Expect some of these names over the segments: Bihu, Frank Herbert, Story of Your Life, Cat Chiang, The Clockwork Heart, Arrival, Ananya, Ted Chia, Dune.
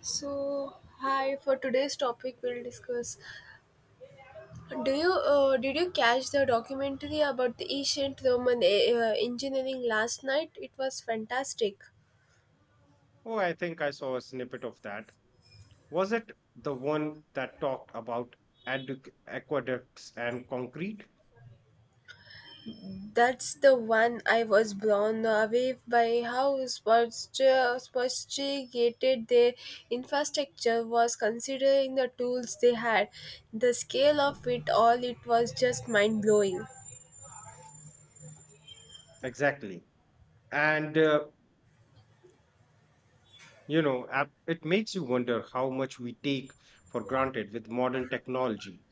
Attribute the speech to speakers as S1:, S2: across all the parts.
S1: So, hi. For today's topic, we'll discuss. Do you did you catch the documentary about the ancient Roman engineering last night? It was fantastic.
S2: Oh, I think I saw a snippet of that. Was it the one that talked about aqueducts and concrete?
S1: That's the one. I was blown away by how sophisticated their infrastructure was considering the tools they had. The scale of it all, it was just mind blowing.
S2: Exactly. And, you know, ap- it makes you wonder how much we take for granted with modern technology.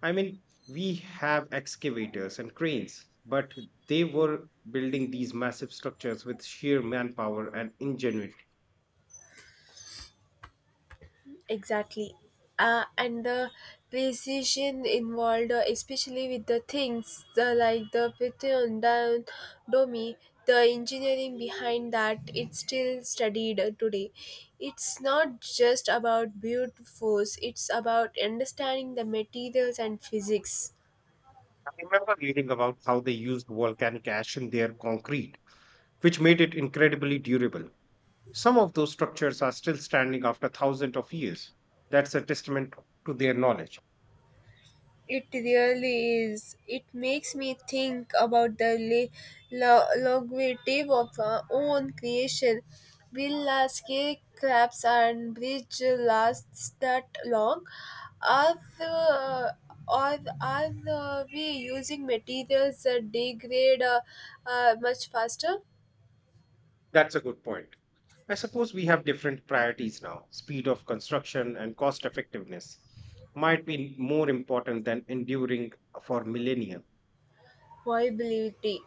S2: I mean, we have excavators and cranes, but they were building these massive structures with sheer manpower and ingenuity.
S1: Exactly. And the precision involved, especially with the things like the Python down Domi, the engineering behind that, it's still studied today. It's not just about brute force, it's about understanding the materials and physics.
S2: I remember reading about how they used volcanic ash in their concrete, which made it incredibly durable. Some of those structures are still standing after thousands of years. That's a testament to their knowledge.
S1: It really is. It makes me think about the longevity of our own creation. Will our crabs and bridge last that long? Are, the, are the- We using materials that degrade much faster?
S2: That's a good point. I suppose we have different priorities now. Speed of construction and cost effectiveness might be more important than enduring for millennia.
S1: Viability,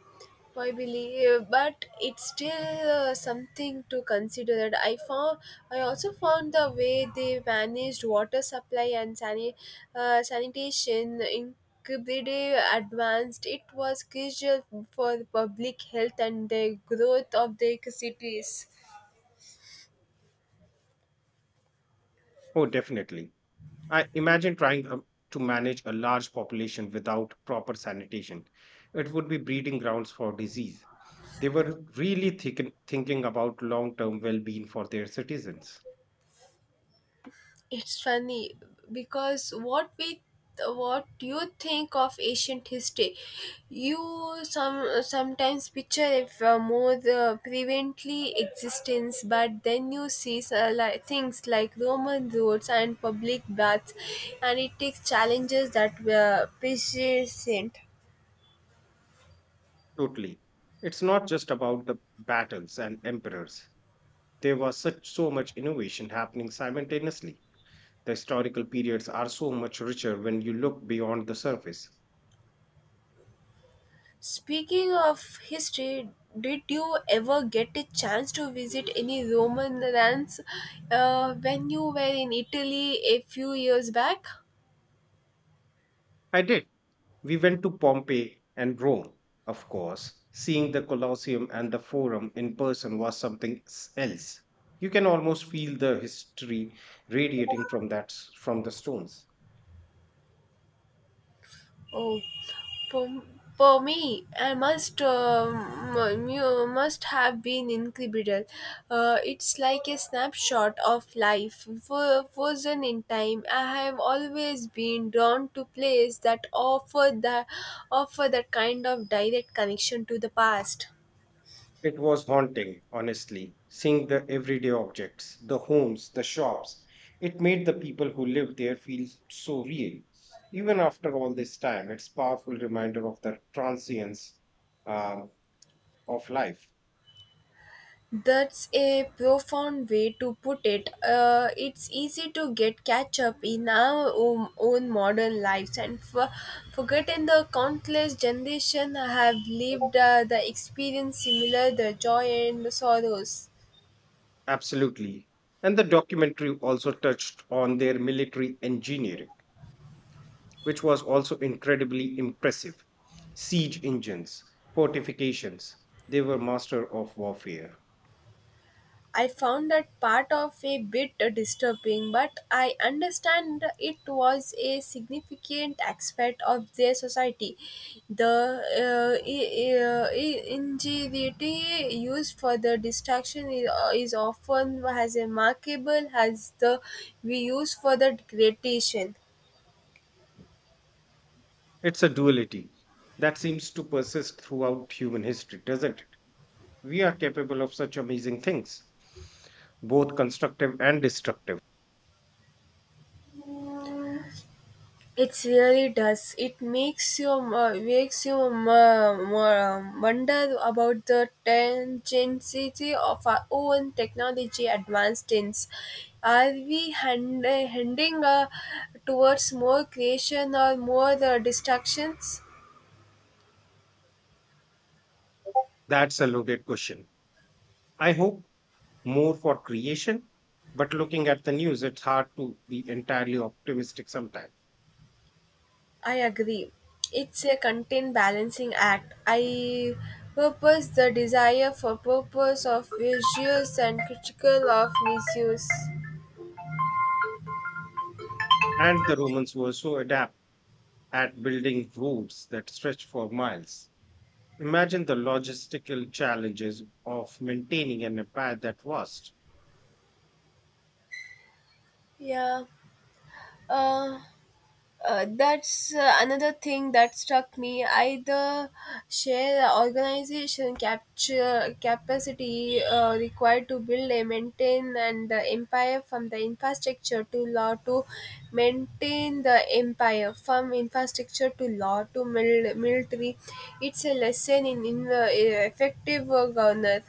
S1: viability, but it's still something to consider. That I found, I also found the way they managed water supply and sanitation incredibly advanced. It was crucial for the public health and the growth of their cities.
S2: Oh, definitely. I imagine trying to manage a large population without proper sanitation. It would be breeding grounds for disease. They were really thinking about long term well being for their citizens.
S1: It's funny because what you think of ancient history, you sometimes picture it from more the prevently existence. But then you see, like, things like Roman roads and public baths, and it takes challenges that were persistent.
S2: Totally. It's not just about the battles and emperors. There was such so much innovation happening simultaneously. The historical periods are so much richer when you look beyond the surface.
S1: Speaking of history, did you ever get a chance to visit any Roman lands when you were in Italy a few years back?
S2: I did. We went to Pompeii and Rome, of course. Seeing the Colosseum and the Forum in person was something else. You can almost feel the history radiating from from the stones.
S1: Oh, for, for me, I must must have been incredible. It's like a snapshot of life frozen in time. I have always been drawn to places that offer the offer that kind of direct connection to the past.
S2: It was haunting, honestly, seeing the everyday objects, the homes, the shops. It made the people who lived there feel so real. Even after all this time, it's powerful reminder of the transience um, of life.
S1: That's a profound way to put it. It's easy to get catch up in our own modern lives and forgotten the countless generations have lived the experience similar, the joy and the sorrows.
S2: Absolutely. And the documentary also touched on their military engineering, which was also incredibly impressive. Siege engines, fortifications, they were master of warfare.
S1: I found that part of a bit disturbing, but I understand it was a significant aspect of their society. The ingenuity used for the distraction is often as remarkable as the we use for the creation.
S2: It's a duality that seems to persist throughout human history, doesn't it? We are capable of such amazing things, both constructive and destructive.
S1: It really does. It makes you wonder about the tangency of our own technology advancements. Are we heading towards more creation or more destructions?
S2: That's a loaded question. I hope more for creation, but looking at the news, it's hard to be entirely optimistic sometimes.
S1: I agree. It's a content balancing act. I purpose the desire for purpose of visuals and critical of misuse.
S2: And the Romans were so adept at building roads that stretched for miles. Imagine the logistical challenges of maintaining an empire that vast.
S1: Yeah. Uh, that's another thing that struck me. Either share organization capture capacity required to build and maintain and the empire from the infrastructure to law to maintain the empire from infrastructure to law to military. It's a lesson in effective governance.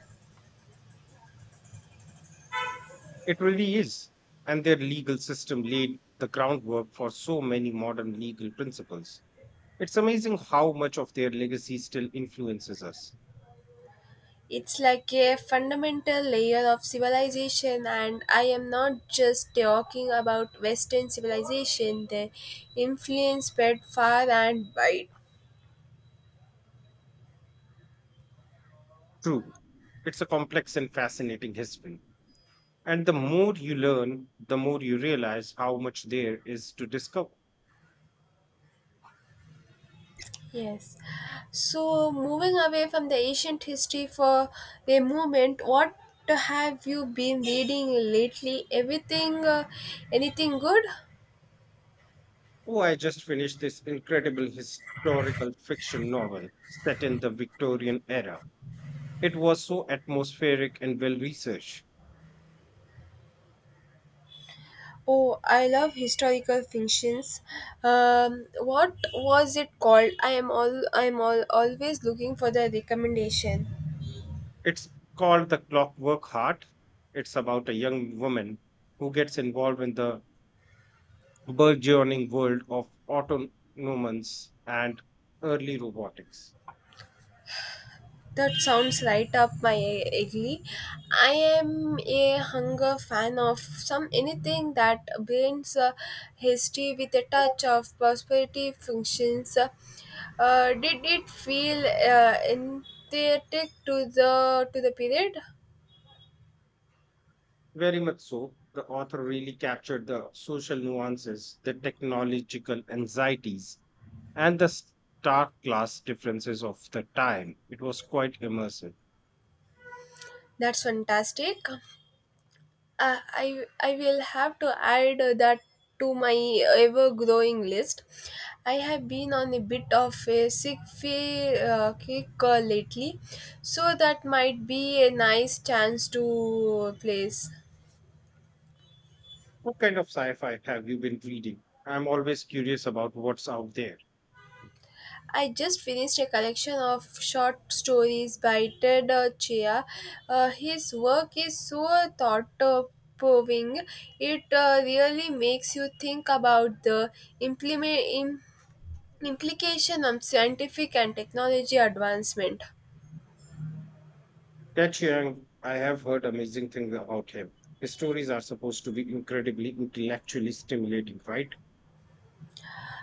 S2: It really is. And their legal system laid the groundwork for so many modern legal principles. It's amazing how much of their legacy still influences us.
S1: It's like a fundamental layer of civilization, and I am not just talking about Western civilization, the influence spread far and wide.
S2: True, it's a complex and fascinating history. And the more you learn, the more you realize how much there is to discover.
S1: Yes. So, moving away from the ancient history for the moment, what have you been reading lately? Everything, anything good?
S2: Oh, I just finished this incredible historical fiction novel set in the Victorian era. It was so atmospheric and well researched.
S1: Oh, I love historical fictions. What was it called? I am always looking for the recommendation.
S2: It's called The Clockwork Heart. It's about a young woman who gets involved in the burgeoning world of autonomous and early robotics.
S1: That sounds right up my alley. I am a hunger fan of some anything that blends history with a touch of prosperity functions. Did it feel empathetic to the period?
S2: Very much so, the author really captured the social nuances, the technological anxieties, and the stark class differences of the time. It was quite immersive.
S1: That's fantastic. I will have to add that to my ever growing list. I have been on a bit of a sick fee kick lately, so that might be a nice chance to place.
S2: What kind of sci fi have you been reading? I'm always curious about what's out there.
S1: I just finished a collection of short stories by Ted Chia. His work is so thought proving. It really makes you think about the implement implication on scientific and technology advancement.
S2: Cat Chiang, I have heard amazing things about him. His stories are supposed to be incredibly intellectually stimulating, right?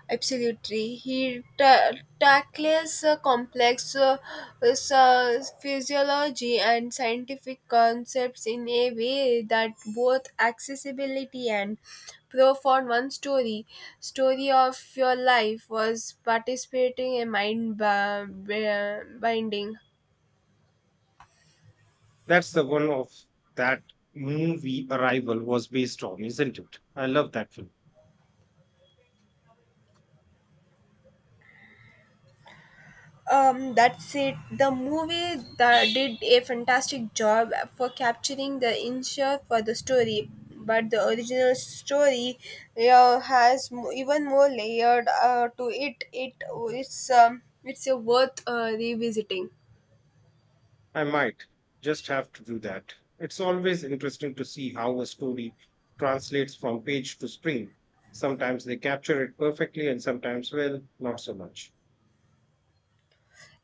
S1: Absolutely. He tackles complex physiology and scientific concepts in a way that both accessibility and profound. One story of your life was participating in mind binding.
S2: That's the one of that movie Arrival was based on, isn't it? I love that film.
S1: That's it. The movie that did a fantastic job for capturing the insight for the story, but the original story, yeah, has even more layered to it. It's a worth revisiting.
S2: I might just have to do that. It's always interesting to see how a story translates from page to screen. Sometimes they capture it perfectly, and sometimes, well, not so much.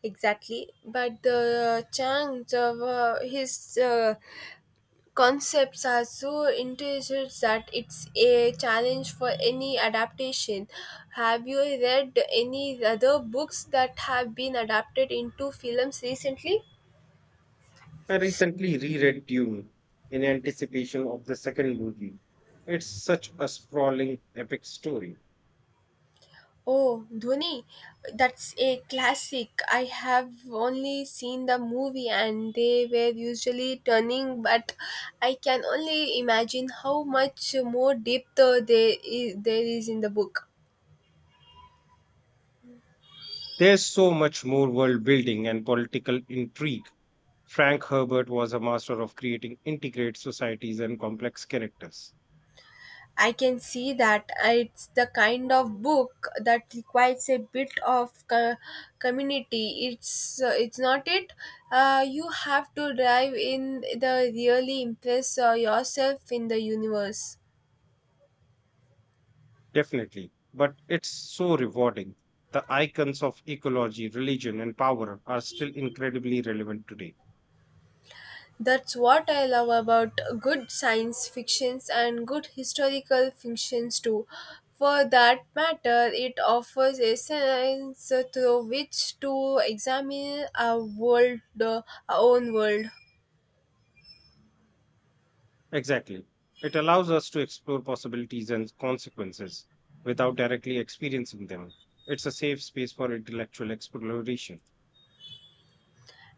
S1: Exactly, but the Chang, his concepts are so intricate that it's a challenge for any adaptation. Have you read any other books that have been adapted into films recently?
S2: I recently reread Dune in anticipation of the second movie. It's such a sprawling, epic story.
S1: Oh, Dhoni, that's a classic. I have only seen the movie and they were usually turning, but I can only imagine how much more depth there there is in the book.
S2: There's so much more world building and political intrigue. Frank Herbert was a master of creating integrated societies and complex characters.
S1: I can see that. It's the kind of book that requires a bit of community. It's not it. You have to dive in the really impress yourself in the universe.
S2: Definitely. But it's so rewarding. The icons of ecology, religion, and power are still incredibly relevant today.
S1: That's what I love about good science fictions and good historical fictions too. For that matter, it offers a sense through which to examine our world, our own world.
S2: Exactly. It allows us to explore possibilities and consequences without directly experiencing them. It's a safe space for intellectual exploration.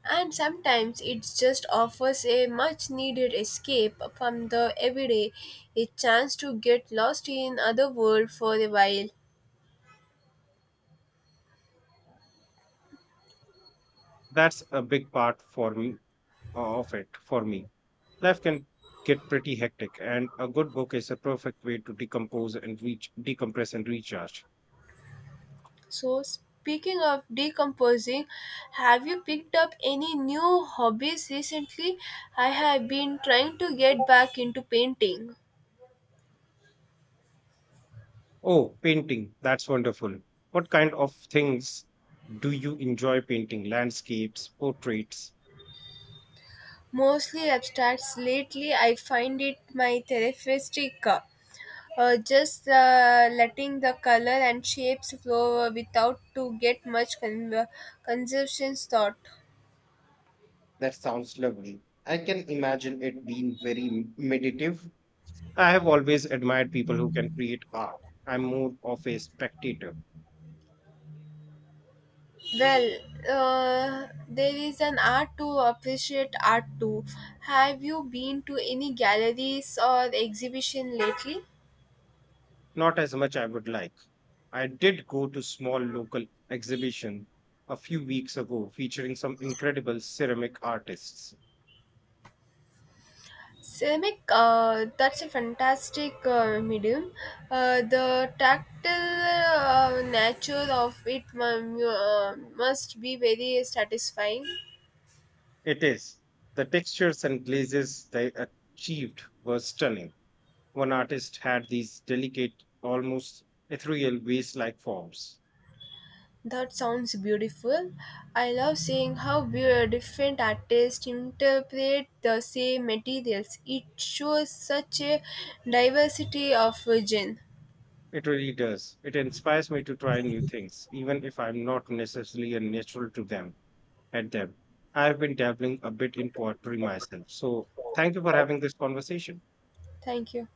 S1: And sometimes it just offers a much needed escape from the everyday, a chance to get lost in other world for a while.
S2: That's a big part for me of it for me. Life can get pretty hectic, and a good book is a perfect way to decompose and reach decompress and recharge.
S1: So speaking of decomposing, have you picked up any new hobbies recently? I have been trying to get back into painting.
S2: Oh, painting, that's wonderful. What kind of things do you enjoy painting? Landscapes, portraits?
S1: Mostly abstracts lately. I find it my therapeutic, just letting the color and shapes flow without to get much conceptions thought.
S2: That sounds lovely. I can imagine it being very meditative. I have always admired people who can create art. I'm more of a spectator.
S1: Well, there is an art to appreciate art too. Have you been to any galleries or exhibition lately?
S2: Not as much I would like. I did go to small local exhibition a few weeks ago featuring some incredible ceramic artists.
S1: Ceramic, that's a fantastic medium. The tactile nature of it must be very satisfying.
S2: It is. The textures and glazes they achieved were stunning. One artist had these delicate, almost ethereal vase-like forms.
S1: That sounds beautiful. I love seeing how different artists interpret the same materials. It shows such a diversity of genre.
S2: It really does. It inspires me to try new things, even if I'm not necessarily a natural to them at them. I've been dabbling a bit in poetry myself. So thank you for having this conversation.
S1: Thank you.